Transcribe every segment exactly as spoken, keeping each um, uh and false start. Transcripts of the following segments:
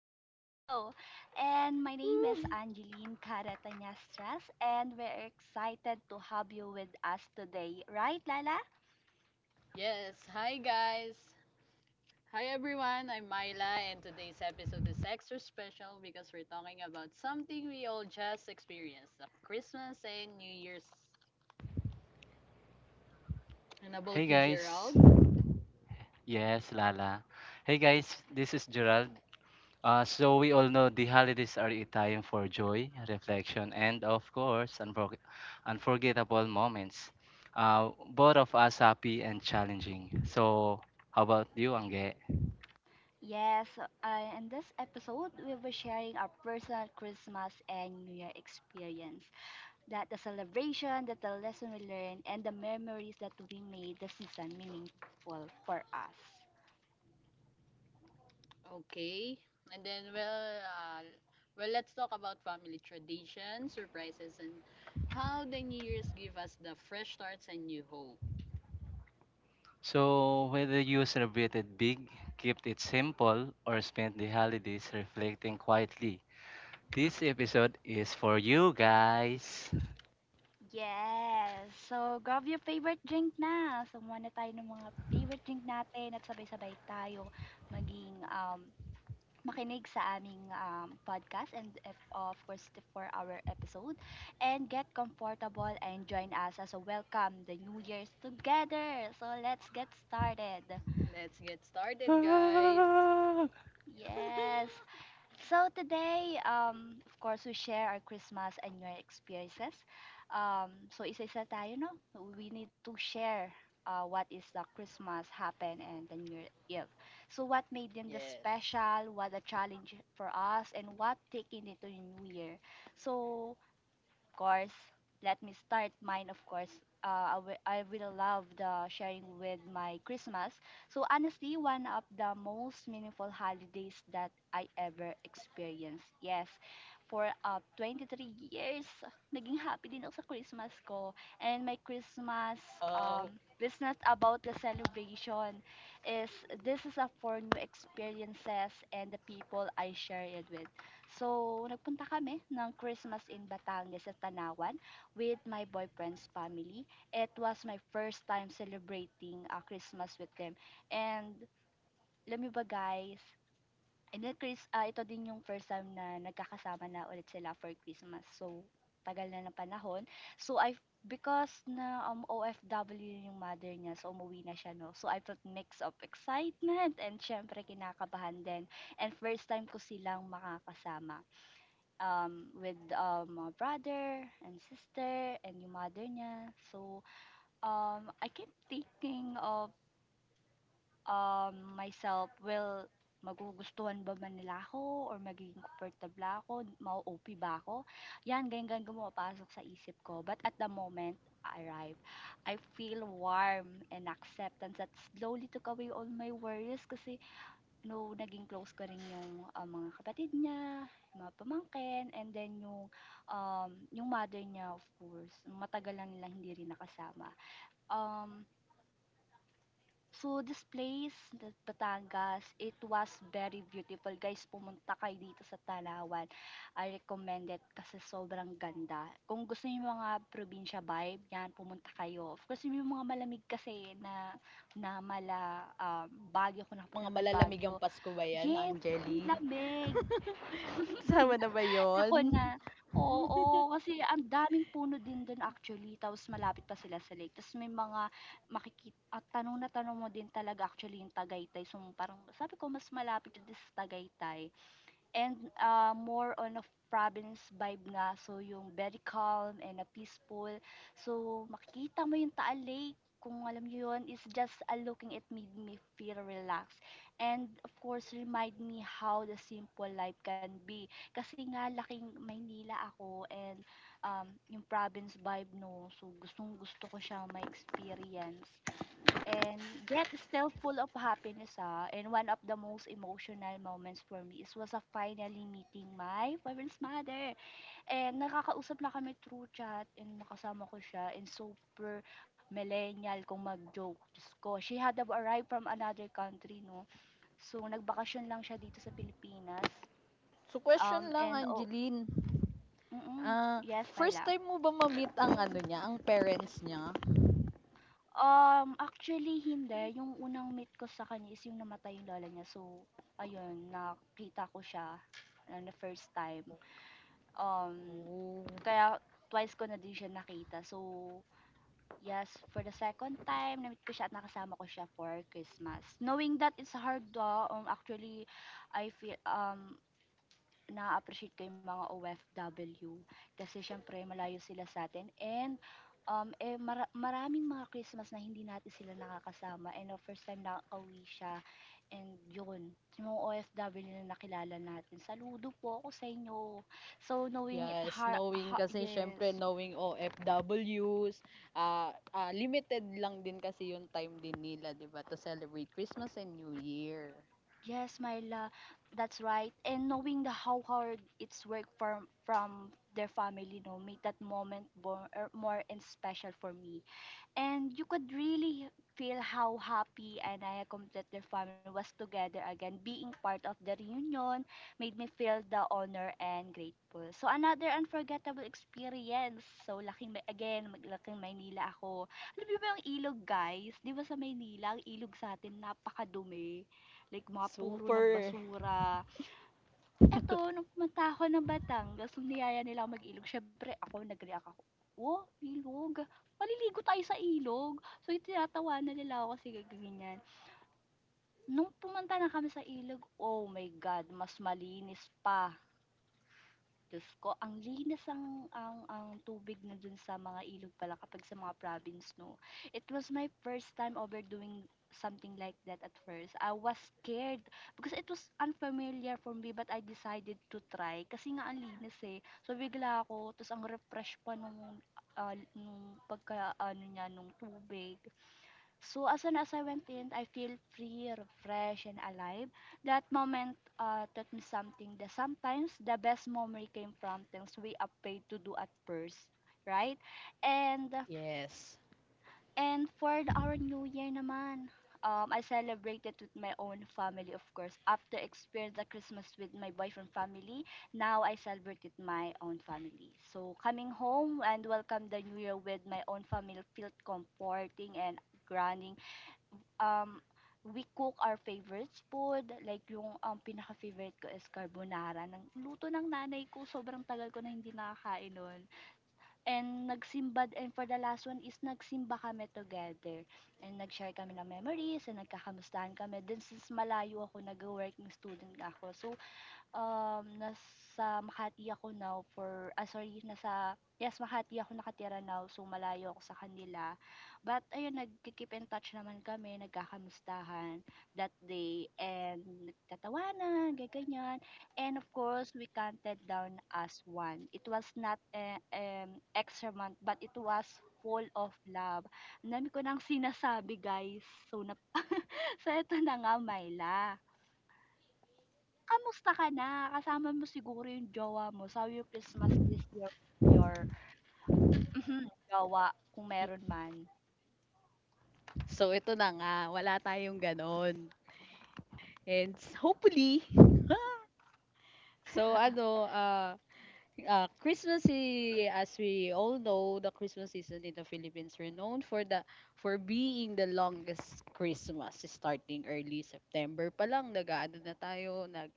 Let's go! And my name is Woo! Angeline Caratanyastras, and we're excited to have you with us today, right, Lala? Yes, hi guys. Hi everyone, I'm Myla, and today's episode is extra special because we're talking about something we all just experienced the Christmas and New Year's. And Hey about you, guys. Gerald? Yes, Lala. Hey guys, this is Gerald. Uh, so we all know the holidays are a time for joy, reflection, and of course, unfor- unforgettable moments. Uh, both of us happy and challenging. So how about you, Angge? Yes, uh, in this episode, we will be sharing our personal Christmas and New Year experience. That the celebration, that the lesson we learned, and the memories that we made the season meaningful for us. Okay. And then, well, uh, well, let's talk about family traditions, surprises, and how the New Year's give us the fresh starts and new hope. So whether you celebrated big, kept it simple, or spent the holidays reflecting quietly, this episode is for you guys. Yes. So, grab your favorite drink na. Sumuha na tayo ng mga favorite drink natin at sabay-sabay tayo maging um, makinig sa aming um, podcast and ep- of course the for our episode and get comfortable and join us as a welcome the New Year's together. So, let's get started. Let's get started, guys. Yes. So today, um, of course, we share our Christmas and New Year experiences. Um, so isa-isa tayo, no? We need to share uh, what is the Christmas happen and the New Year Eve. So what made them the Yes. special, what a challenge for us, and what taking it to the New Year. So course, let me start mine, of course. Uh, I wi- I will love the sharing with my Christmas. So honestly, one of the most meaningful holidays that I ever experienced. Yes, for uh, twenty-three years, naging happy din ako sa Christmas ko. And my Christmas Oh. um, is not about the celebration is this is a for new experiences and the people I share it with. So, nagpunta kami ng Christmas in Batangas sa Tanawan with my boyfriend's family. It was my first time celebrating uh, Christmas with them. And, alam niyo ba guys, and then Chris, ah, ito din yung first time na nagkakasama na ulit sila for Christmas. So, tagal na ng panahon. So, I because na um, O F W yung mother niya, so umuwi na siya, no? So, I felt mix of excitement and syempre kinakabahan din. And first time ko silang makakasama um, with um, my brother and sister and yung mother niya. So, um, I keep thinking of um, myself, well, magugustuhan ba man nila ako or magiging comfortable ako, mau-O P ba ako? Yan, ganyan-ganyan gumapasok sa isip ko. But at the moment, I arrive, I feel warm and acceptance that slowly took away all my worries kasi No, naging close ko rin yung, ah, mga kapatid niya, yung mga pamangkin, and then yung, um, yung mother niya of course, matagal na nilang hindi rin nakasama. Um, So, this place, the Batangas, it was very beautiful. Guys, pumunta kayo dito sa Talawan. I recommend it kasi sobrang ganda. Kung gusto niyo yung mga probinsya vibe, yan, pumunta kayo. Of course, yung mga malamig kasi na, na mala um, Baguio, kung Mga nakapunta kayo malalamig Baguio, ang Pasko ba 'yan, yes, ang Angeli? lamig. Kasama na ba Ako 'yon? na, oo, kasi ang daming puno din dun actually tapos malapit pa sila sa lake tapos may mga makiki at tanong na tanong mo din talaga actually yung Tagaytay so parang sabi ko mas malapit din sa Tagaytay and uh, more on of province vibe nga. So, yung very calm and a peaceful. So, makikita mo yung Taal Lake kung alam niyo yun, is just a looking it made me feel relaxed. And of course, remind me how the simple life can be. Kasi nga, laking Maynila ako and um, yung province vibe, no. So, gustong gusto ko siya ma-experience. And yet still full of happiness ah. And one of the most emotional moments for me is was a finally meeting my parents' mother. And nakakausap na kami through chat and nakasama ko siya and super millennial kung mag-joke. Diyos ko. She had arrived from another country, no? So, nagbakasyon lang siya dito sa Pilipinas. So, Um, question lang, and, oh, Angeline. mm Ah, yes, Tyla. first time mo ba ma-meet ang ano niya, ang parents niya? Um, actually hindi, yung unang meet ko sa kanya is yung namatay yung lola niya. So, ayun nakita ko siya, ah, na first time. Um, Oh, kaya twice ko na din siya nakita. So, yes, for the second time na-meet ko siya at nakasama ko siya for Christmas. Knowing that it's hard, ah, um, actually I feel, um, na appreciate ko yung mga O F W kasi siyempre malayo sila sa atin and, um, eh, mara maraming mga Christmas na hindi natin sila nakakasama and the first time nakakauwi siya and yun, yung mga O F W na nakilala natin, "Saludo po ako sa inyo." So, knowing it yes. hard Knowing ha kasi yes. syempre knowing o OFWs, ah ah, limited lang din kasi yung time din nila, 'di ba, to celebrate Christmas and New Year. Yes, Myla, that's right and knowing the how hard it's work from from their family 'no, made that moment more more and special for me. And you could really feel how happy and I complete their family was together again. Being part of the reunion made me feel the honor and grateful. So another unforgettable experience. So laking Ma- again, maglaking Maynila ako. Alam niyo ba yung ilog guys? Di ba sa Maynila, ang ilog sa atin napakadumi. Like mga puro ng Super. basura. Eto nung pumunta ako ng Batangas, nung niyaya nila akong mag-ilog siyempre ako nag-react ako, "Oh, ilog, maliligo tayo sa ilog." So yung tinatawanan nila ako kasi ga ganyan. Nung pumunta na kami sa ilog, oh my God, mas malinis pa. Diyos ko, ang linis ang ang ang tubig na dun sa mga ilog pala kapag sa mga province, 'no? It was my first time overdoing something like that at first. I was scared because it was unfamiliar for me but I decided to try kasi nga ang linis eh. So bigla ako, tapos ang refresh pa nung ah, nung pagka ano niya nung tubig. So as soon as I went in, I feel free, refreshed, and alive. That moment uh, taught me something that sometimes the best memory came from things we afraid to do at first, right? And Yes. and for the, our New Year naman, um, I celebrated with my own family, of course. After experience the Christmas with my boyfriend family, now I celebrate with my own family. So coming home and welcome the New Year with my own family felt comforting and grounding um, we cook our favorites food. Like yung um, pinaka-favorite ko is carbonara. Ng luto ng nanay ko, sobrang tagal ko na hindi nakakain nun. And nagsimba, and for the last one is nagsimba kami together. And nag-share kami ng memories and nagkakamustahan kami. Then since malayo ako, nag-working student nga ako. So Um, nasa Makati ako now for ah, sorry nasa yes, Makati ako nakatira now so malayo ako sa kanila. But ayun nag keep in touch naman kami, nagkakamustahan that day and nagtatawanan, ganyan. And of course, we counted down as one. It was not eh, um, extra month but it was full of love. Ang dami ko nang sinasabi, guys. So, nap- so ito na nga, Myla. Kamusta ka na? Kasama mo siguro yung jowa mo. Sabi mo Christmas this year your mhm, jowa kung meron man. So ito na nga, wala tayong ganon. And s- hopefully, so ano, uh, uh, Christmas, i- as we all know, the Christmas season in the Philippines renowned for the for being the longest Christmas, starting early September pa lang, nag-ano na tayo, nag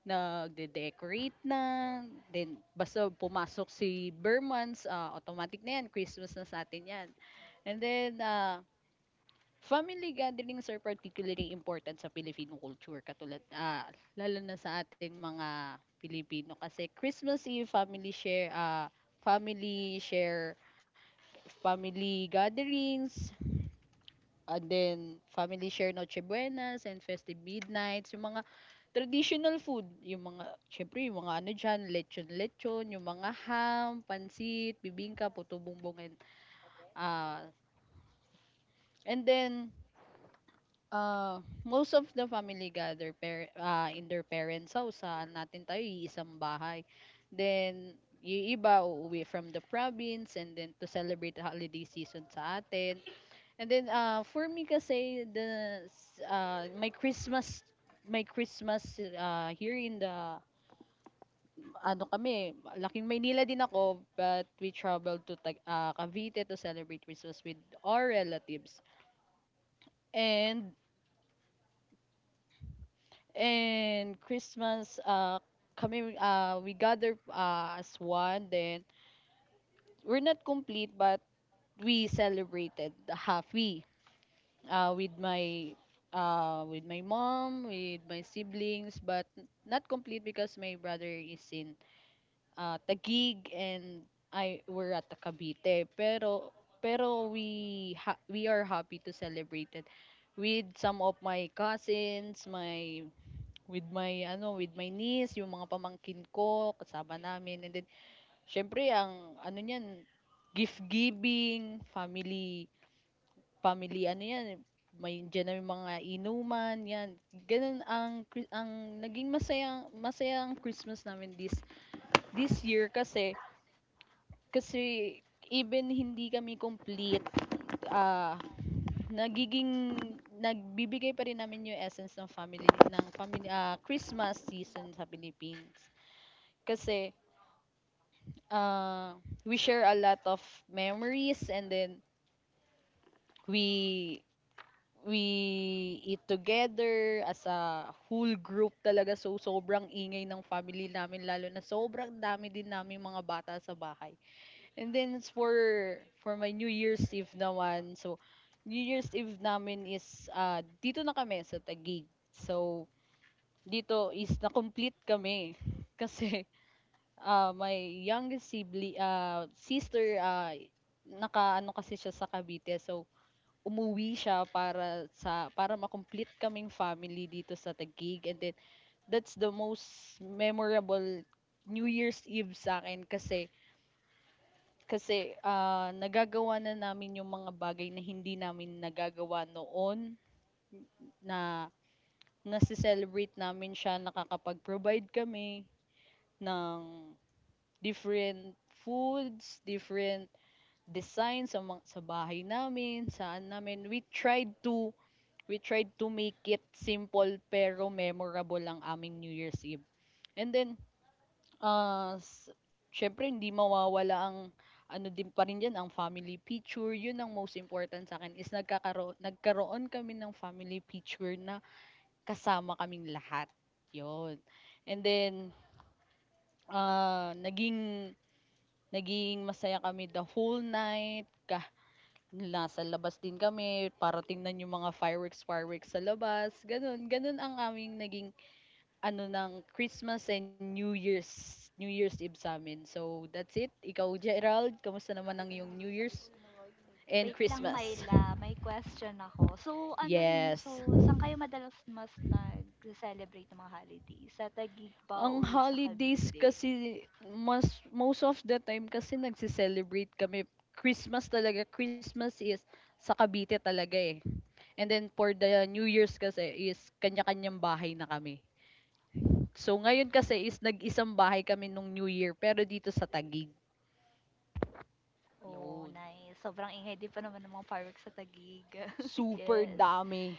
nagde-decorate na, then basta pumasok si Burmans, ah automatic na yan, Christmas na sa atin yan. And then, uh, family gatherings are particularly important sa Filipino culture katulad, ah, lalo na sa ating mga Pilipino kasi Christmas Eve, family share, ah, Yo family kwisiga share, family gatherings, and then family share Noche Buenas and festive midnights, yung mga traditional food, yung mga, syempre yung mga ano dyan, lechon-lechon, yung mga ham, pansit, bibingka, puto bumbong, and, ah, and then uh, most of the family gather par- uh, in their parents' house. Saan natin tayo, iisang bahay. Then, yung iba uuwi from the province and then to celebrate the holiday season sa atin. And then, uh, for me kasi, the, s- uh, my Christmas my Christmas uh, here in the ano kami laking Maynila din ako but we traveled to Tag- uh, Cavite to celebrate Christmas with our relatives and And Christmas, uh, kami, uh, we gather uh, as one. Then, we're not complete, but we celebrated the halfway uh, with my uh, with my mom, with my siblings, but not complete because my brother is in uh, Taguig and I were at Cavite. Pero pero we ha- we are happy to celebrate it with some of my cousins, my with my ano, with my niece, yung mga pamangkin ko, kasama namin. And then syempre ang ano niyan, gift giving, family family ano yan, may diyan na yung mga inuman, yan. Ganun ang Chri- ang naging masaya masayang Christmas namin this this year kasi kasi even hindi kami complete ah nagiging nagbibigay pa rin namin yung essence ng family ng family ah, Christmas season sa Philippines kasi uh, we share a lot of memories and then we we eat together as a whole group talaga so sobrang ingay ng family namin lalo na sobrang dami din namin mga bata sa bahay and then it's for for my New Year's Eve naman so New Year's Eve namin is ah dito na kami sa Taguig so dito is na complete kami kasi ah, my youngest sibling ah, sister, uh, naka ano kasi siya sa Cavite. So, umuwi siya para sa para ma-complete kaming family dito sa Taguig. And then, that's the most memorable New Year's Eve sa akin kasi kasi ah, nagagawa na namin yung mga bagay na hindi namin nagagawa noon na nasi-celebrate namin siya, nakakapag-provide kami ng different foods, different design sa mga, sa bahay namin, saan namin. We tried to we tried to make it simple pero memorable ang aming New Year's Eve. And then uh s- syempre hindi mawawala ang ano din pa rin yan, ang family picture. Yun ang most important sa akin is nagkakaroon, nagkaroon kami ng family picture na kasama kaming lahat. Yun. And then, uh, naging, naging masaya kami the whole night. Nasa labas din kami para tingnan yung mga fireworks fireworks sa labas, gano'n. Gano'n ang aming naging ano ng Christmas and New Year's New Year's Eve sa'min. So, that's it. Ikaw, Gerald, kamusta naman ang iyong New Year's and Wait Alam mo lang yun. Christmas? Myla, may question ako. So ano 'no, so Yes. saan kayo madalas mas nagce-celebrate ng mga holiday? Sa Taguig ba Ang or sa holidays Cavite? kasi mas most of the time kasi nagse-celebrate kami Christmas talaga. Christmas is sa Cavite talaga eh. And then for the New Year's kasi is kanya-kanyang bahay na kami. So, ngayon kasi is nag-isang bahay kami nung New Year, pero dito sa Tagig. Oh, Yun. nice. Sobrang ingay di pa naman ng mga fireworks sa Taguig. Super Yes. dami.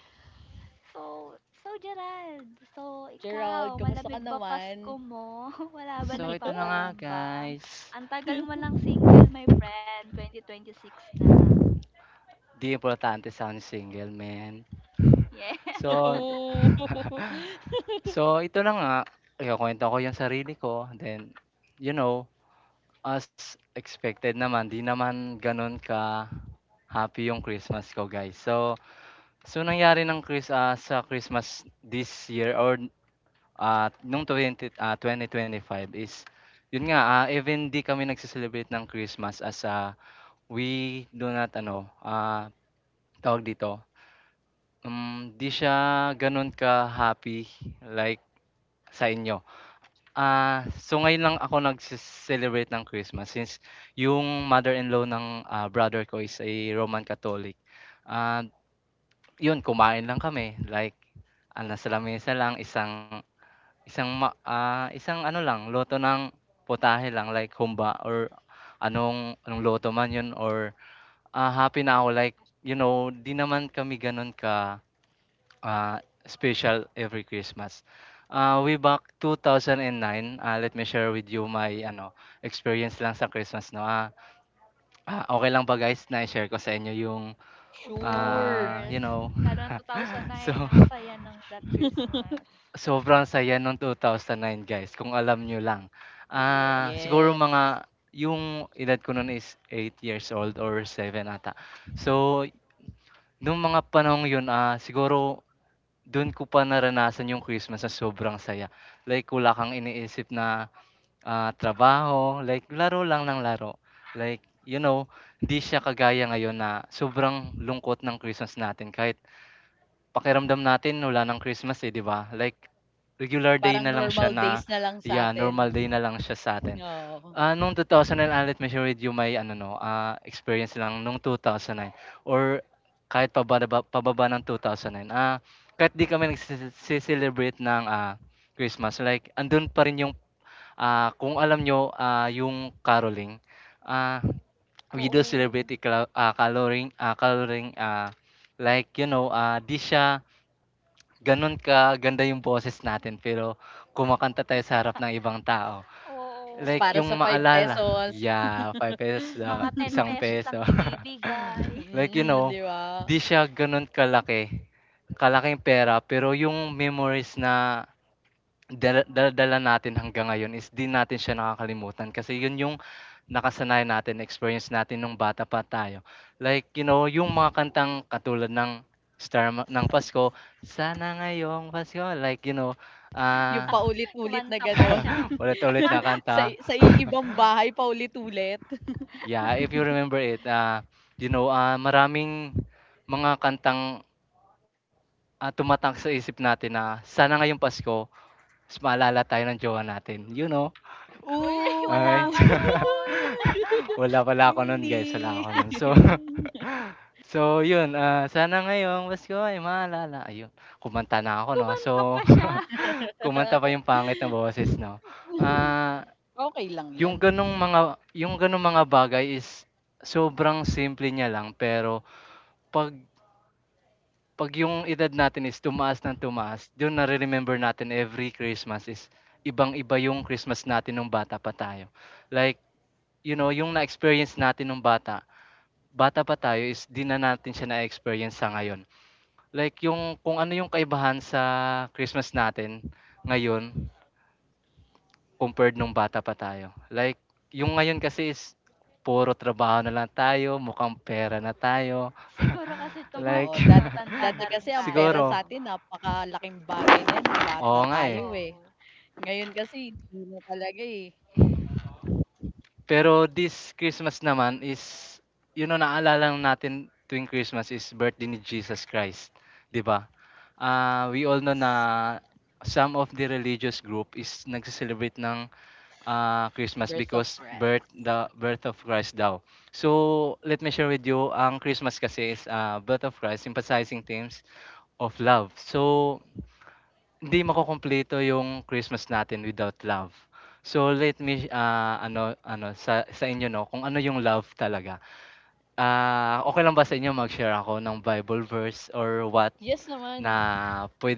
So, so Gerald, so Gerald, ikaw, kamusta ka malamig ba naman? Pasko mo? Wala ba So ito na nga nagpaparambam? guys, Ang tagal mo lang single, my friend. twenty twenty-six na. 'di importante sound single man. Yeah. So Oo. so ito na nga, ikukuwento ko yung sarili ko then, you know, as expected naman 'di naman gano'n ka-happy yung Christmas ko guys. So so nangyari ng Chris ah, sa Christmas this year or ah, nung twenty ah, twenty twenty five is yun nga, ah, even di kami nagse-celebrate ng Christmas as ah, we do not ano, ah, tawag dito. Hmm, 'di siya gano'n ka-happy like sa inyo. Ah, so ngayon lang ako nag celebrate ng Christmas since yung mother-in-law ng, ah, brother ko is a Roman Catholic. Ah, 'Yun, kumain lang kami like, ah, nasa lamesa lang isang isang ma ah, isang ano lang luto ng putahe lang like humba or anong anong luto man 'yun or, ah, happy na ako like you know 'di naman kami gano'n ka uh, special every Christmas. Uh, way back two thousand nine, ah, let me share with you my ano experience lang sa Christmas, no. Ah, ah, okay lang ba guys na share ko sa inyo yung Of Sure. ah, you course. know. Lalo ng So two thousand nine, ang saya ng that Christmas. sobrang saya nung two thousand nine guys kung alam nyo lang. Yes. Ah, siguro Yes. mga yung edad ko nun is eight years old or seven ata. So nung mga panahong yun, ah siguro dun ko pa naranasan yung Christmas na sobrang saya. Like wala kang iniisip na, ah, trabaho, like laro lang ng laro. Like, you know, hindi siya kagaya ngayon na sobrang lungkot ng Christmas natin kahit pakiramdam natin wala ng Christmas, eh, 'di ba? Like regular day Parang na lang siya normal days na na lang sa yeah, atin. normal day na lang siya sa'tin. Oo. Ah, nung twenty oh nine, I'll let me share with you my ano 'no, ah, experience lang nung two thousand nine or kahit pababa pababa ng two thousand nine. Ah, kahit di kami nagsese celebrate ng, ah, Christmas, like andun pa rin yung, ah, kung alam niyo, ah, yung caroling, ah, we do Oo. celebrate ikla ah, coloring ah, coloring ah, like you know, ah, di siya ganun ka ganda yung boses natin pero kumakanta tayo sa harap ng ibang tao. Oo, Like Para yung sa five ikot-ikot pa, maalala, no? pesos. yeah, ₱five, Tapos mga ten isang pesos lang peso. ibibigay. Like, you Mm, know, di ba? 'di siya gano'n kalaki, kalaking pera pero yung memories na dala dala natin hanggang ngayon is 'di natin siya nakakalimutan kasi yun yung nakasanayan natin, experience natin nung bata pa tayo. Like, you know, yung mga kantang katulad ng Star ma ng Pasko, "Sana ngayong Pasko", like, you know, Yung ah, paulit-ulit na Kumanta pa gano'n. siya. ulit-ulit na Sa kanta. sa iibang bahay paulit-ulit. Yeah, if you remember it, ah, you know, ah, maraming mga kantang, ah, tumatak sa isip natin na sana ngayong Pasko mas maalala tayo ng jowa natin, you know? Uy, wala Oo. Ay, ka nun. wala pala ako nun guys, wala Hindi. ako nun. So, so yun, ah, sana ngayong Pasko ay maalala. Ayun, kumanta na ako, no? So, Kumanta pa siya. kumanta pa yung pangit na boses, no? Ah, Okay lang 'yan, yung ganong mga, yung ganong mga bagay is sobrang simple niya lang pero pag 'pag yung edad natin is tumaas ng tumaas, dun nare-remember natin every Christmas is ibang-iba yung Christmas natin nung bata pa tayo. Like, you know, yung na-experience natin nung bata, bata pa tayo is 'di na natin siya na-experience sa ngayon. Like yung kung ano yung kaibahan sa Christmas natin ngayon compared nung bata pa tayo. Like yung ngayon kasi is puro trabaho na lang tayo, mukhang pera na tayo. Siguro kasi tuma totoo. Like Dat tumatanda na Dati rin kasi ang tayo pera 'no? sa siguro, sa'tin napakalaking bagay na 'yan nung bata oo nga eh. tayo, eh. Oo, Ngayon kasi hindi na talaga, eh. Pero this Christmas naman is yun ang naalala lang natin tuwing Christmas is birthday ni Jesus Christ, 'di ba? Ah, we all know na some of the religious group is nagse-celebrate ng ah, Christmas Birth because birth surprise. the birth of Christ daw. So, let me share with you, ang Christmas kasi is ah, birth of Christ emphasizing themes of love. So, hindi makukumpleto yung Christmas natin without love. So let me, ah, ano ano sa sa inyo 'no, kung ano yung love talaga. Ah, okey lang ba sa inyo mag-share ako ng Bible verse or what Yes na naman.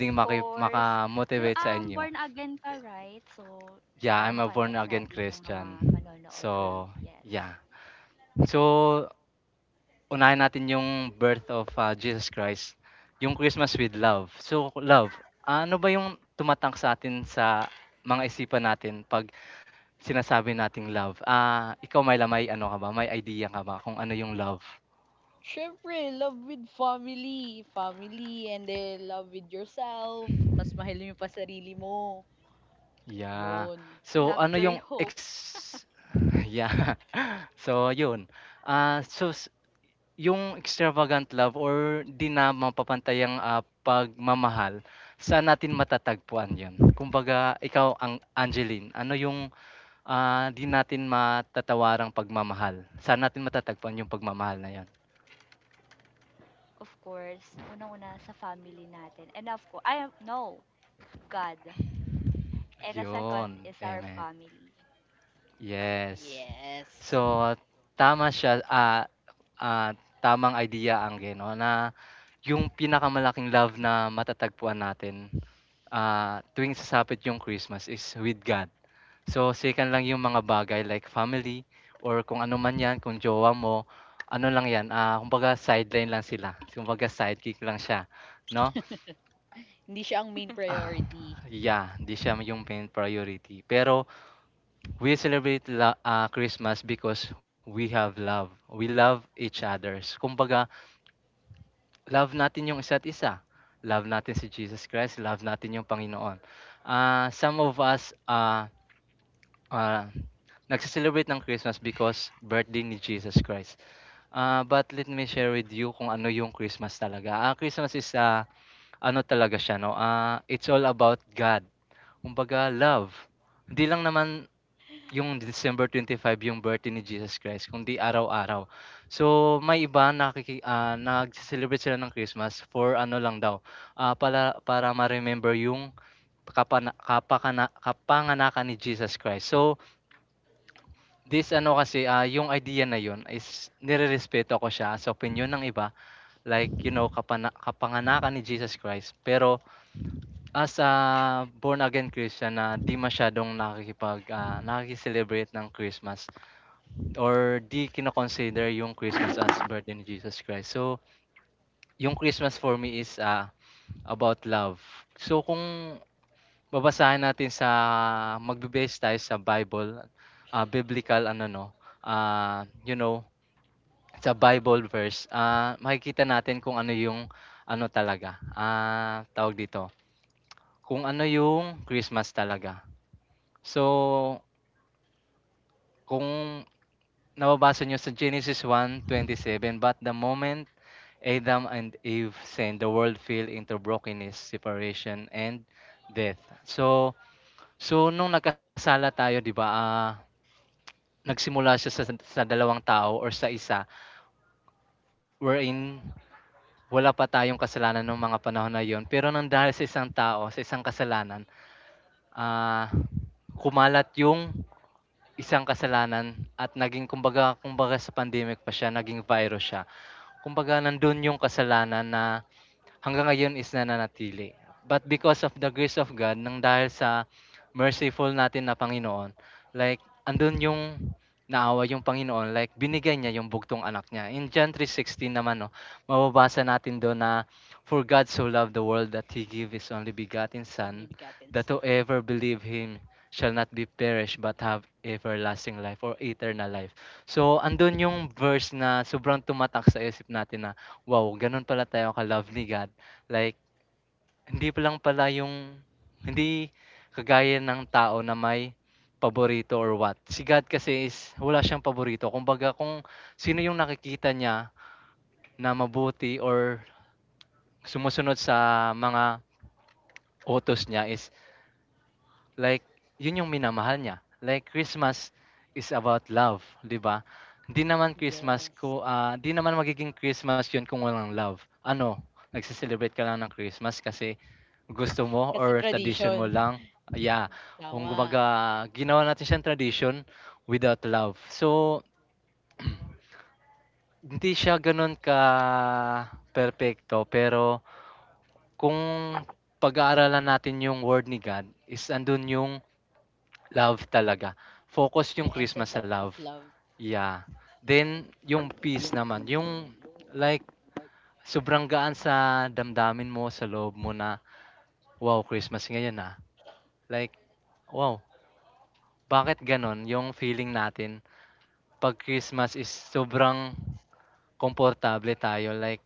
of maki course. 'Di ba, makamotivate sa um, inyo? born again ka, right? So, Yeah, para ma I'm a born again natin yung mga Christian. manonood or So, yes, yeah. So, unahin natin yung birth of, ah, Jesus Christ, yung Christmas with love. So, love, ano ba yung tumatak atin sa mga isipan natin 'pag sinasabi nating love. Ah, ikaw Myla, may ano ka ba, may idea ka ba kung ano yung love? Syempre, love with family. Family and then love with yourself. Mas mahal mo pa sarili mo. Yeah. Yun. So love, ano joy, yung hope, ex yeah. So yun, ah, so s yung extravagant love or di na mapapantayang, ah, pagmamahal, saan natin matatagpuan yun? Kumbaga ikaw ang Angeline, ano yung, ah, di natin matatawarang pagmamahal? Saan natin matatagpuan yung pagmamahal na yon? of course, unang-una sa family natin and of course I am no, God. And the second Yun, is our amen. family. Yes. Yes. So, tama siya, ah, ah, tamang idea ang gino na yung pinakamalaking love na matatagpuan natin, ah, tuwing sasapit yung Christmas is with God. So, sikan lang yung mga bagay like family or kung ano man yan, kung jowa mo, ano lang yan, ah, kumbaga sideline lang sila. Kumbaga sidekick lang siya, no? Hindi siya ang main priority. Yeah, hindi siya yung main priority. Pero we celebrate la- ah, Christmas because we have love. We love each others. Kumbaga, love natin yung isa't isa. Love natin si Jesus Christ. Love natin yung Panginoon. Ah, some of us ah ah, nagse-celebrate ng Christmas because birthday ni Jesus Christ. Ah, but let me share with you kung ano yung Christmas talaga. Ah, Christmas is ah, ano talaga siya, no? Ah, it's all about God. Kumbaga, love. Hindi lang naman yung December twenty five yung birthday ni Jesus Christ kundi araw-araw. So may iba nakiki ah, nagse-celebrate sila ng Christmas for ano lang daw, ah, para para ma-remember yung kapana kapakana kapanganakan ni Jesus Christ. So this ano kasi, ah, yung idea na yun is nirerespeto ko siya sa opinyon ng iba, like you know kapana kapanganakan ni Jesus Christ. Pero as a born again Christian na di masyadong nakikipag ah, nakiki-celebrate ng Christmas or di kino-consider yung Christmas as birth ni Jesus Christ. So, yung Christmas for me is, ah, about love. So, kung babasahin natin sa magbe-base tayo sa Bible, ah, biblical ano 'no, ah, you know, sa Bible verse, ah, makikita natin kung ano yung ano talaga, ah, tawag dito, kung ano yung Christmas talaga. So, kung nababasa nyo sa Genesis one twenty seven, "But the moment Adam and Eve sinned. The world fell into brokenness, separation, and death." So, so nung nagkasala tayo, 'di ba? Ah, nagsimula siya sa, sa dalawang tao or sa isa, wherein wala pa tayong kasalanan ng mga panahon na 'yon. Pero nang dahil sa isang tao, sa isang kasalanan, ah kumalat yung isang kasalanan at naging kumbaga, kumbaga sa pandemic pa siya, naging virus siya. Kumbaga nandun yung kasalanan na hanggang ngayon is nananatili. But because of the grace of God, nang dahil sa merciful natin na Panginoon, like, andun yung naawa yung Panginoon, like, binigay niya yung bugtong anak niya. In John three sixteen naman, no, mababasa natin doon na, "For God so loved the world that He gave His only begotten So Son, only begotten that son. whoever believe Him shall not be perished but have everlasting life or eternal life." So, andun yung verse na sobrang tumatak sa isip natin na wow, gano'n pala tayo ka-love ni God. Like, hindi pa lang pala yung hindi kagaya ng tao na may paborito or what. Si God kasi is wala siyang paborito. Kumbaga kung sino yung nakikita niya na mabuti or sumusunod sa mga utos niya is like, yun yung minamahal niya. Like, Christmas is about love, di ba? Di naman Christmas Yes. ko, ah, di naman magiging Christmas yun kung walang love. Ano, nagsiselebrate ka lang ng Christmas kasi gusto mo Kasi or tradition mo tradition. lang. Yeah. Kung Tama. gumaga ginawa natin siyang tradition without love. So, hindi siya ganun ka perfecto, pero kung pag-aaralan natin yung word ni God, is andun yung love talaga. Focus yung Yung Christmas essence sa of love. love. Yeah. Yes. Then yung peace mu naman, myenda yung ye. like sobrang gaan sa damdamin mo, sa loob mo na, "Wow, Christmas ngayon, ah." Like, wow, bakit gano'n yung feeling natin 'pag Christmas is sobrang komportable tayo, like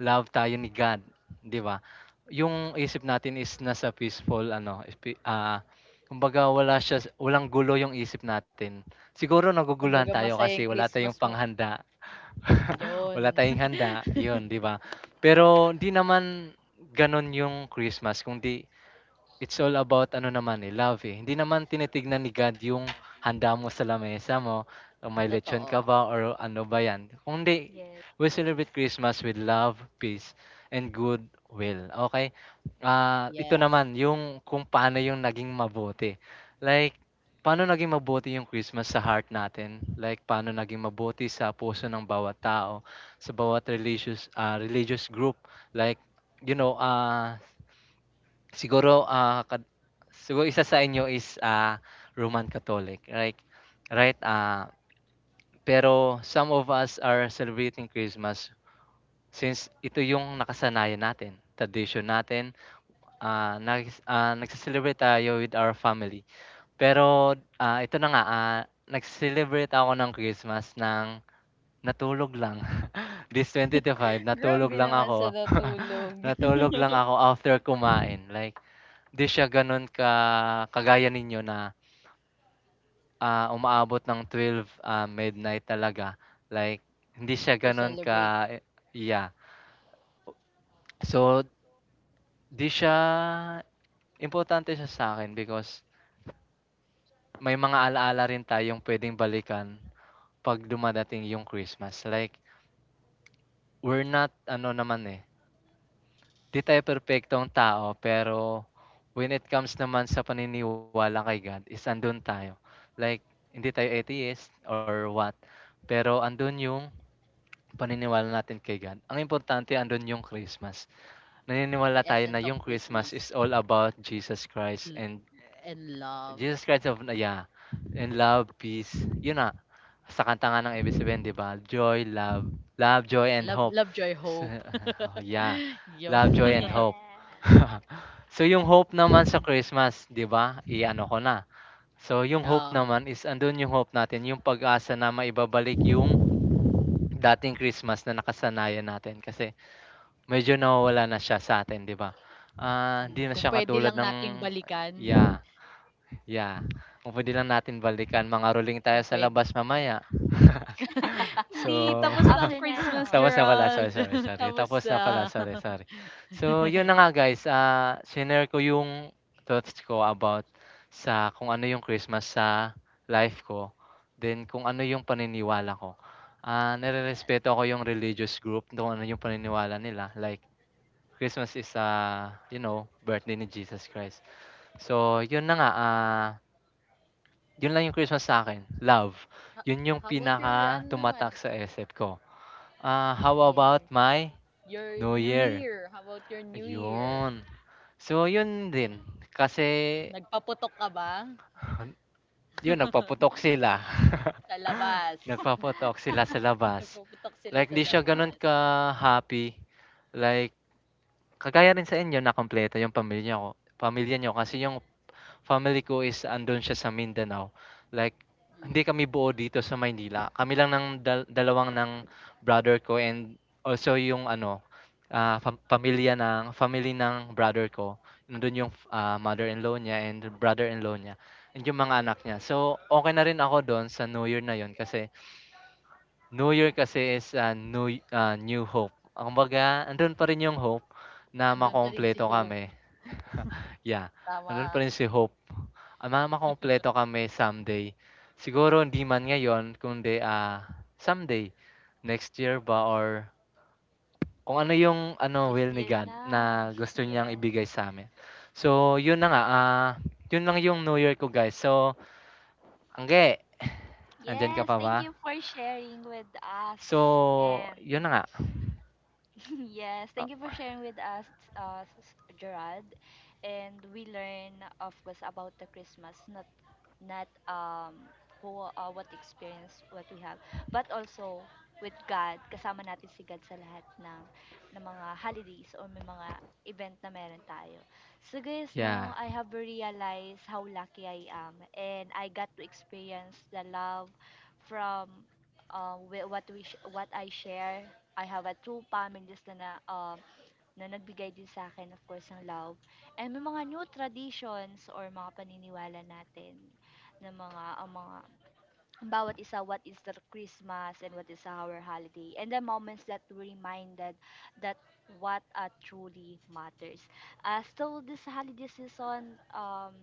love tayo ni God, 'di ba? Yung isip natin is nasa peaceful ano, spi ah, kumbaga wala siya walang gulo yung isip natin. Siguro naguguluhan Kumbaga tayo masaya kasi yung wala tayong Christmas mo. panghanda. Wala Yun. tayong handa, 'yun, 'di ba? Pero hindi naman gano'n yung Christmas kundi it's all about ano naman, eh, love, eh. Hindi naman tinitignan ni God yung handa mo sa lamesa mo, o may lechon ka Totoo. ba or ano ba 'yan. Kundi Yes, we celebrate Christmas with love, peace, and good will, okay? Ah, ito Yes. naman yung kung paano yung naging mabuti. Like, paano naging mabuti yung Christmas sa heart natin, like paano naging mabuti sa puso ng bawat tao, sa bawat religious, ah, religious group. Like, you know, ah Siguro, ah, kad siguro isa sa inyo is, ah, Roman Catholic, right? right? Ah, pero some of us are celebrating Christmas since ito yung nakasanayan natin, tradition natin, ah, nagis ah, nagse-celebrate tayo with our family. Pero, ah, ito na nga, ah, nag-celebrate ako ng Christmas ng natulog lang. This twenty twenty-five, natulog Grabe lang naman ako, sa natulog. natulog lang ako after kumain, like 'di siya gano'n ka kagaya ninyo na, ah, umaabot ng twelve ah, midnight talaga, like hindi siya To gano'n celebrate ka, yeah. So, 'di siya importante siya sa akin because may mga ala-ala rin tayong puwedeng balikan 'pag dumadating yung Christmas, like we're not ano naman, eh 'di tayo perpektong tao, pero when it comes naman sa paniniwala kay God is andun tayo. Like hindi tayo atheist or what, pero andun yung paniniwala natin kay God. Ang importante andun yung Christmas. Naniniwala yung tayo na essence of yung Christmas Christmas. is all about Jesus Christ L- and and love. Jesus Christ of, yeah, and love, peace. Yun na, sa kanta nga ng A B S-C B N 'di ba, Joy, Love, Love, Joy and Love, Hope. love, joy, Sa hope. oh, yeah, Yo. Love, Joy and Hope. Yes. So, yung hope naman sa Christmas 'di ba, i-ano ko na. So, yung hope Ah. naman is andun yung hope natin, yung pag-asa na maibabalik yung dating Christmas na nakasanayan natin kasi medyo nawawala na siya sa'tin 'di ba? Ah, hindi Mm, na kung siya pwede katulad lang ng, nating balikan. yeah, yeah. Kung puwede lang natin balikan, mangaroling tayo Kung sa pwede. labas mamaya. Hindi, So tapos na ang After Christmas, neto. tapos na napala, sorry, Gerald. sorry, sorry. Tapos Tapos na pala, na. sorry, sorry. So, yun na nga guys, ah, shinare ko yung thoughts ko about sa kung ano yung Christmas sa life ko. Then, kung ano yung paniniwala ko. Ah, Yes. nare-respeto ako yung religious group, kung ano yung paniniwala nila. Like, Christmas is, ah, you know, birthday ni Jesus Christ. So, yun na nga, ah, yun lang yung Christmas sa akin. Love. Ha- Yun yung How about your, pinaka ano tumatak naman? sa isip ko. Ah, how about Yes. my Your New New Year, Year. How about your New Year? ayun. So yun din, Ayan. kasi Nagpaputok ka ba? yun nagpaputok sila, Sa labas. Yes. nagpaputok sila sa labas. Nagpaputok Like sila hindi sa siya gano'n labas. ka-happy, like kagaya rin sa inyo na kumpleto yung pamilya ko pamilya niyo kasi yung family ko is andun siya sa Mindanao, like hindi Mm. kami buo dito sa Maynila. Kami lang ng dal dalawang ng brother ko, and also yung ano, ah, fam pamilya ng family ng brother ko. Nandun yung, ah, mother-in-law niya and brother-in-law niya and yung mga anak niya. So, okay na rin ako dun sa New Year na yon. Kasi New Year kasi is, ah, new, ah, new hope. Kumbaga andun pa rin yung hope na Andun pa rin makumpleto si Hope. kami. Yeah, nandun pa Tama. rin si Hope. Ah, ma makukumpleto kami someday. Siguro hindi man ngayon kundi, ah, someday, next year ba or kung ano yung ano This will ni year God na. na gusto niyang Yes. ibigay sa sa'min. So yun na nga, ah, yun lang yung New Year ko guys. So, Angge, andiyan ka Yes, pa ba? thank you for sharing with us. So, And yun na nga. yes, thank Ah, you for sharing with us, uh, s- Gerard. And we learn, of course, about the Christmas, not not um who uh, what experience what we have but also with God kasama natin si God sa lahat ng ng mga holidays or may mga event na meron tayo so guys yeah. no I have realized how lucky I am and I got to experience the love from uh wi- what we sh- what I share I have a two families na, na uh, na nagbigay din sa akin, of course, ng love. And may mga new traditions or mga paniniwala natin na mga, ang mga, ang bawat isa, what is the Christmas and what is our holiday. And the moments that we reminded that what uh, truly matters. Uh, so, this holiday season, um,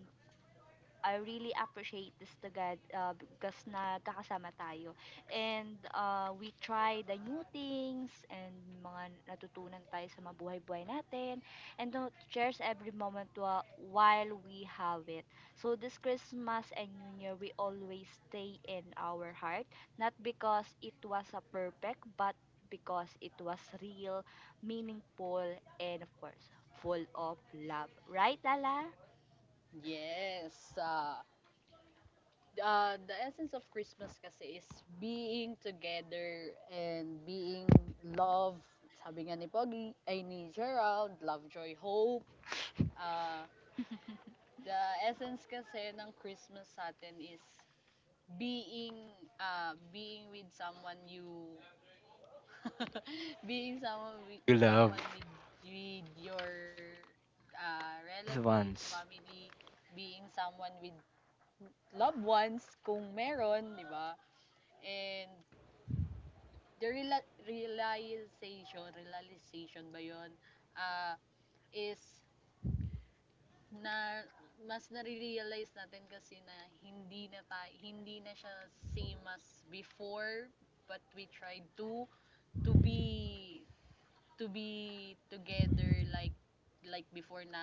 I really appreciate this to God uh, because nagkakasama tayo. And uh, we try the new things and mga natutunan tayo sa mabuhay-buhay natin. And to cherish every moment wa- while we have it. So this Christmas and New Year, we always stay in our heart. Not because it was a perfect, but because it was real, meaningful, and of course, full of love. Right, Lala? Yes. Uh, uh, the essence of Christmas kasi is being together and being love. Sabi nga ni Pogi, ay ni Gerald, love, joy, hope. Uh, the essence kasi ng Christmas sa atin is being uh, being with someone you being someone with You love someone with, with your uh, this relatives, once. family, being someone with loved ones kung meron, 'di ba? And the reala- realization, realization ba 'yon? Ah, is na mas nare-realize natin kasi na hindi na tayo, hindi na siya same as before but we tried to to be to be together like like before na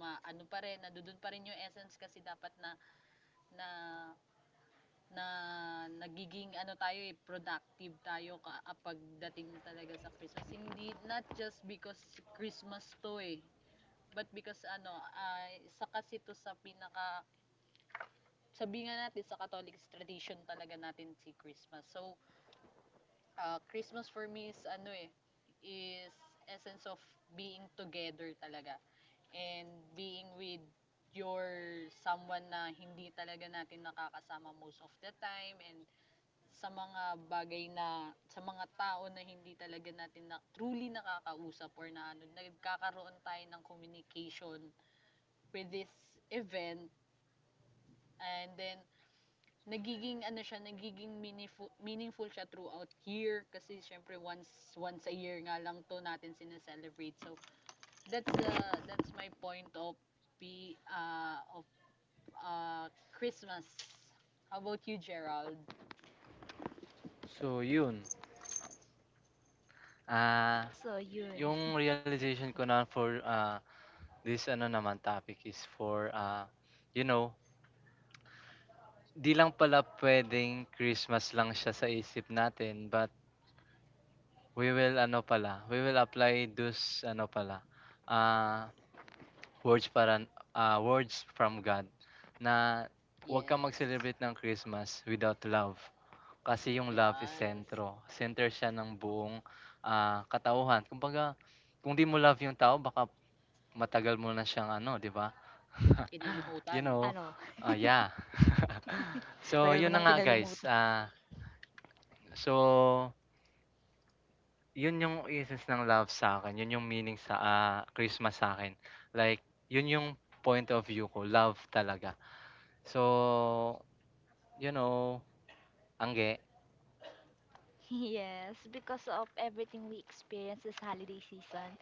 ma ano pa rin nadudun pa rin yung essence kasi dapat na na na nagiging ano tayo eh, productive tayo ka- kapag dating talaga sa Christmas. Hindi, not just because Christmas to eh, but because ano, ay isa kasi to sa pinaka, sabi nga natin sa Catholic tradition talaga natin si Christmas. So, ah, Christmas for me is ano eh, is essence of being together talaga and being with your someone na hindi talaga natin nakakasama most of the time and sa mga bagay na sa mga tao na hindi talaga natin na truly nakakausap or na ano nagkakaroon tayo ng communication with this event and then nagiging ano siya nagiging meaningful, meaningful siya throughout year kasi syempre once once a year nga lang to natin sineselebrate so that's uh, that's my point of be uh, of uh, Christmas. How about you, Gerald? So yun, ah, so, yun. yung realization ko na for, ah, this ano naman topic is for, ah, you know, di lang pala puwedeng Christmas lang siya sa isip natin, but we will ano pala, we will apply those ano pala, ah, words para ah, words from God na huwag kang Yes. mag-celebrate ng Christmas without love. Kasi yung love is Yes. sentro. Center siya ng buong, ah, katauhan. Kumbaga, kung di mo love yung tao baka matagal mo na siyang ano, di ba? You Kinalimutan. know, Ano? ah, yeah. So, Tagal mo yun na nang nga Yes. guys. kinalimutan. Ah, so, yun yung essence ng love sa akin. Yun yung meaning sa ah, Christmas sa akin. Like, yun yung point of view ko. Love talaga. So, you know, angge, Yes, because of everything we experience this holiday season,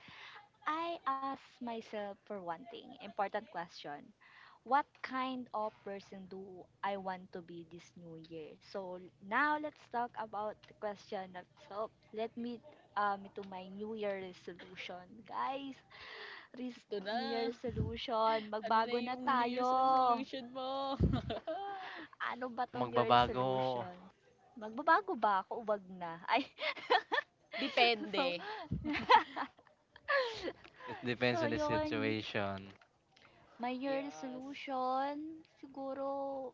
I ask myself for one thing, important question. What kind of person do I want to be this new year? So now let's talk about the question of so let me um to my new year resolution. Guys, res- Ito na. new year resolution, Ano na magbago na yung New tayo. Year's resolution mo? Ano ba 'tong your Year's magbabago. resolution? Magbabago ba ako o 'wag na? Ay. Depende. So, It so depends on the 'yun, situation. my New Year Yes. resolution, siguro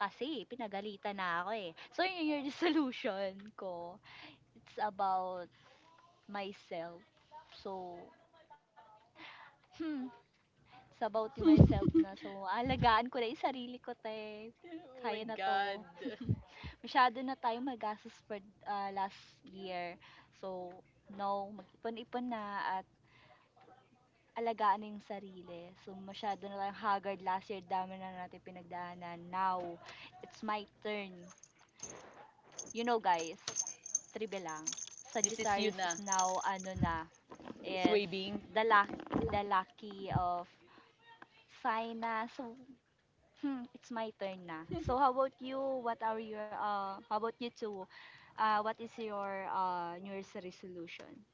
kasi pinagalitan na ako, eh. So, yung New Year resolution ko, it's about myself. So, hmm, it's about yung myself na. So, aalagaan ko na yung sarili ko, "Te, Oh kaya my na 'to." God. masyado na tayo magastos for ah, last year. So, no, mag-ipon-ipon na at alagaan na yung sarili. So, masyado na tayong haggard last year. Dami na natin pinagdaanan. Now, it's my turn. You know, guys, tribe lang. This is you Sagittarius is na. now, ano na, It's is waving. the, luck, the lucky of sign na. So, Hmm, it's my turn na. So how about you? What are your uh how about you two? Uh what is your uh New Year's resolution?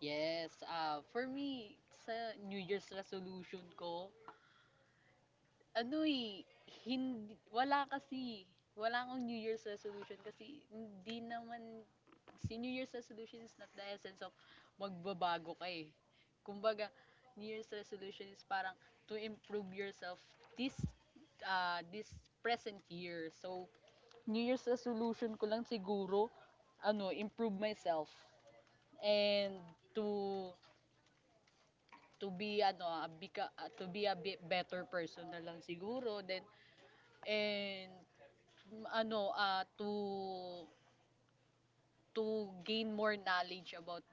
Yes. Uh, for me, sa New Year's resolution ko, ano, eh, hindi wala kasi. Wala akong New Year's resolution kasi hindi naman si New Year's resolution is not the essence of magbabago ka eh. Kumbaga, New Year's resolution is parang to improve yourself this uh, this present year. So, New Year's resolution ko lang siguro ano, improve myself and to to be ano, a, beca- uh, to be a bit better person na lang siguro then and m- ano, ah, to to gain more knowledge about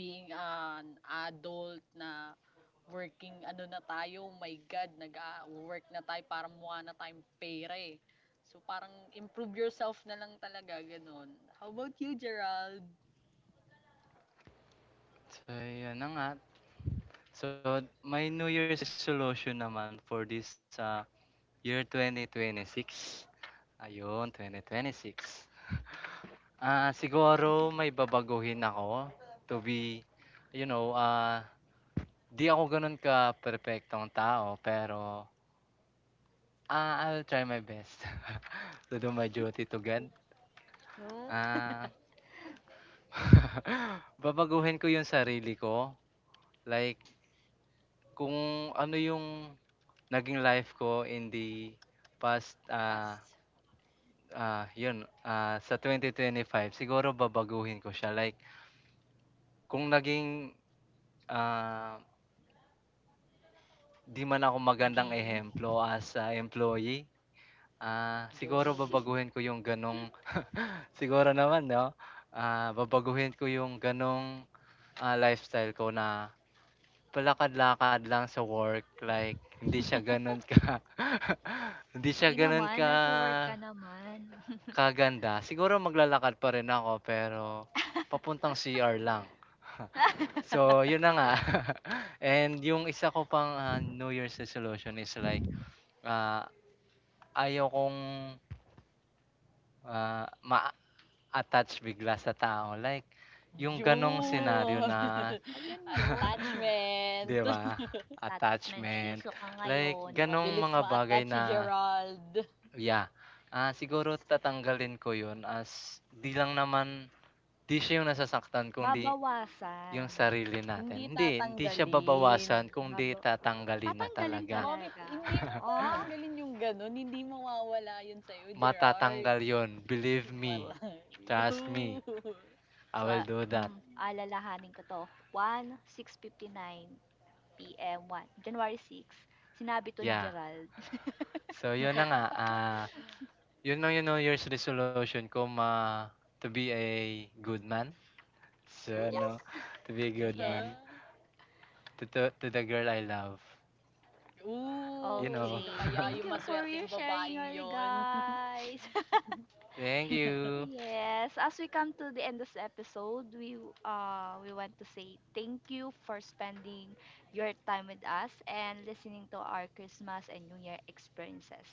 being an adult na working ano na tayo, oh my God, nag-work na tayo, para mukha na tayong pera eh. So parang improve yourself na lang talaga, ganun. How about you, Gerald? So, yun na nga. So, my New Year's resolution naman for this ah, year twenty twenty-six. Ayun, twenty twenty-six. Ah, siguro may babaguhin ako to be, you know, ah, 'di ako gano'n ka-perpektong tao pero, ah, I'll try my best to do my duty to God. Yung? Ah, babaguhin ko 'yung sarili ko, like kung ano 'yung naging life ko in the past, ah, Pass. ah, 'yun, ah, sa twenty twenty-five siguro babaguhin ko siya like kung naging, ah, 'di man ako magandang Naging ehemplo as a employee, ah, siguro June. babaguhin ko yung gano'ng siguro naman 'no, ah, babaguhin ko yung gano'ng, ah, lifestyle ko na palakad-lakad lang sa work like hindi siya gano'n ka hindi siya Hindi gano'n naman, ka nagwo-work ka naman. kaganda. Siguro maglalakad pa rin ako pero papuntang C R lang. So, yun na nga and yung isa ko pang, ah, New Year's resolution is like, ah, ayaw kong Ah, ma-attach bigla sa tao like yung ganong senaryo June! Yan. na Ayun yun. 'di Attachment! ba, At mensch iso attachment, ka like ngayon. ganong Mabilis mga bagay ma-attach si na, Gerald. yeah, ah, siguro tatanggalin ko yun as 'di lang naman 'di siya yung nasasaktan kundi yung Babawasan. sarili Hindi natin. Hindi, hindi siya Mm, tatanggalin. babawasan kundi Baba tatanggalin na tatanggalin talaga. Bakit talaga. hindi mo Oh. tatanggalin yung gano'n, hindi mawawala yun sa'yo, Gerard. Matatanggal yun, believe me, Oh. Pumatay. trust me, I So, will ah, do that, mm, alalahanin ko to. One six fifty nine p m one, January sixth. Sinabi to ni yeah. Gerald. So yun na nga, ah Yun ang, you know, year's resolution ko ma to be a good man. So, Ooh, Yes. ano, to be a good yes. man to, to, to the girl I love. You Ooh, know. sino Okay. kaya Thank yung you for maswerteng your sharing, babaeng all you yon? guys. Thank you. Yes, as we come to the end of this episode, we uh we want to say thank you for spending your time with us and listening to our Christmas and New Year experiences.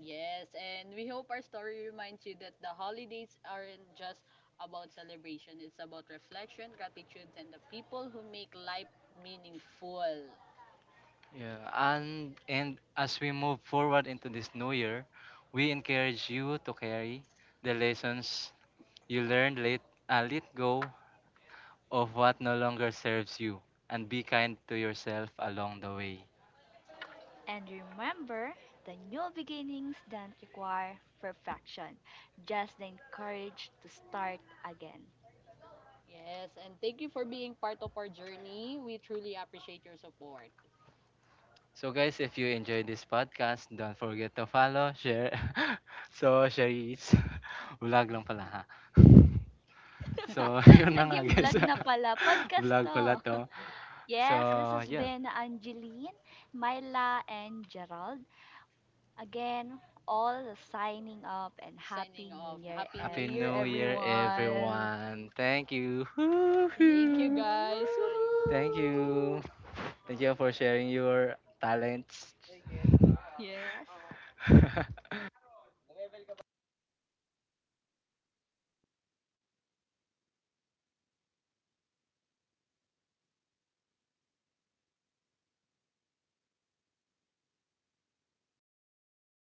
Yes, and we hope our story reminds you that the holidays aren't just about celebration. It's about reflection, gratitude, and the people who make life meaningful. Yeah, and and as we move forward into this new year, we encourage you to carry the lessons you learned late, uh, let go of what no longer serves you, and be kind to yourself along the way. And remember, the new beginnings don't require perfection, just the courage to start again. Yes, and thank you for being part of our journey. We truly appreciate your support. So guys, if you enjoyed this podcast, don't forget to follow, share. So, share is vlog lang pala ha. So, yun na nga Naging guys. vlog na pala. Podcast Vlog pala to. to. So, Yes, this has yun. been Angeline, Myla, and Gerald. Again, all signing up and Signing Happy off. New Happy Year, New Happy Year, New Year everyone. everyone. everyone. Thank you. Thank Thank you, you. Woohoo! guys. Thank Woohoo! you. Thank you for sharing your talents. Yes.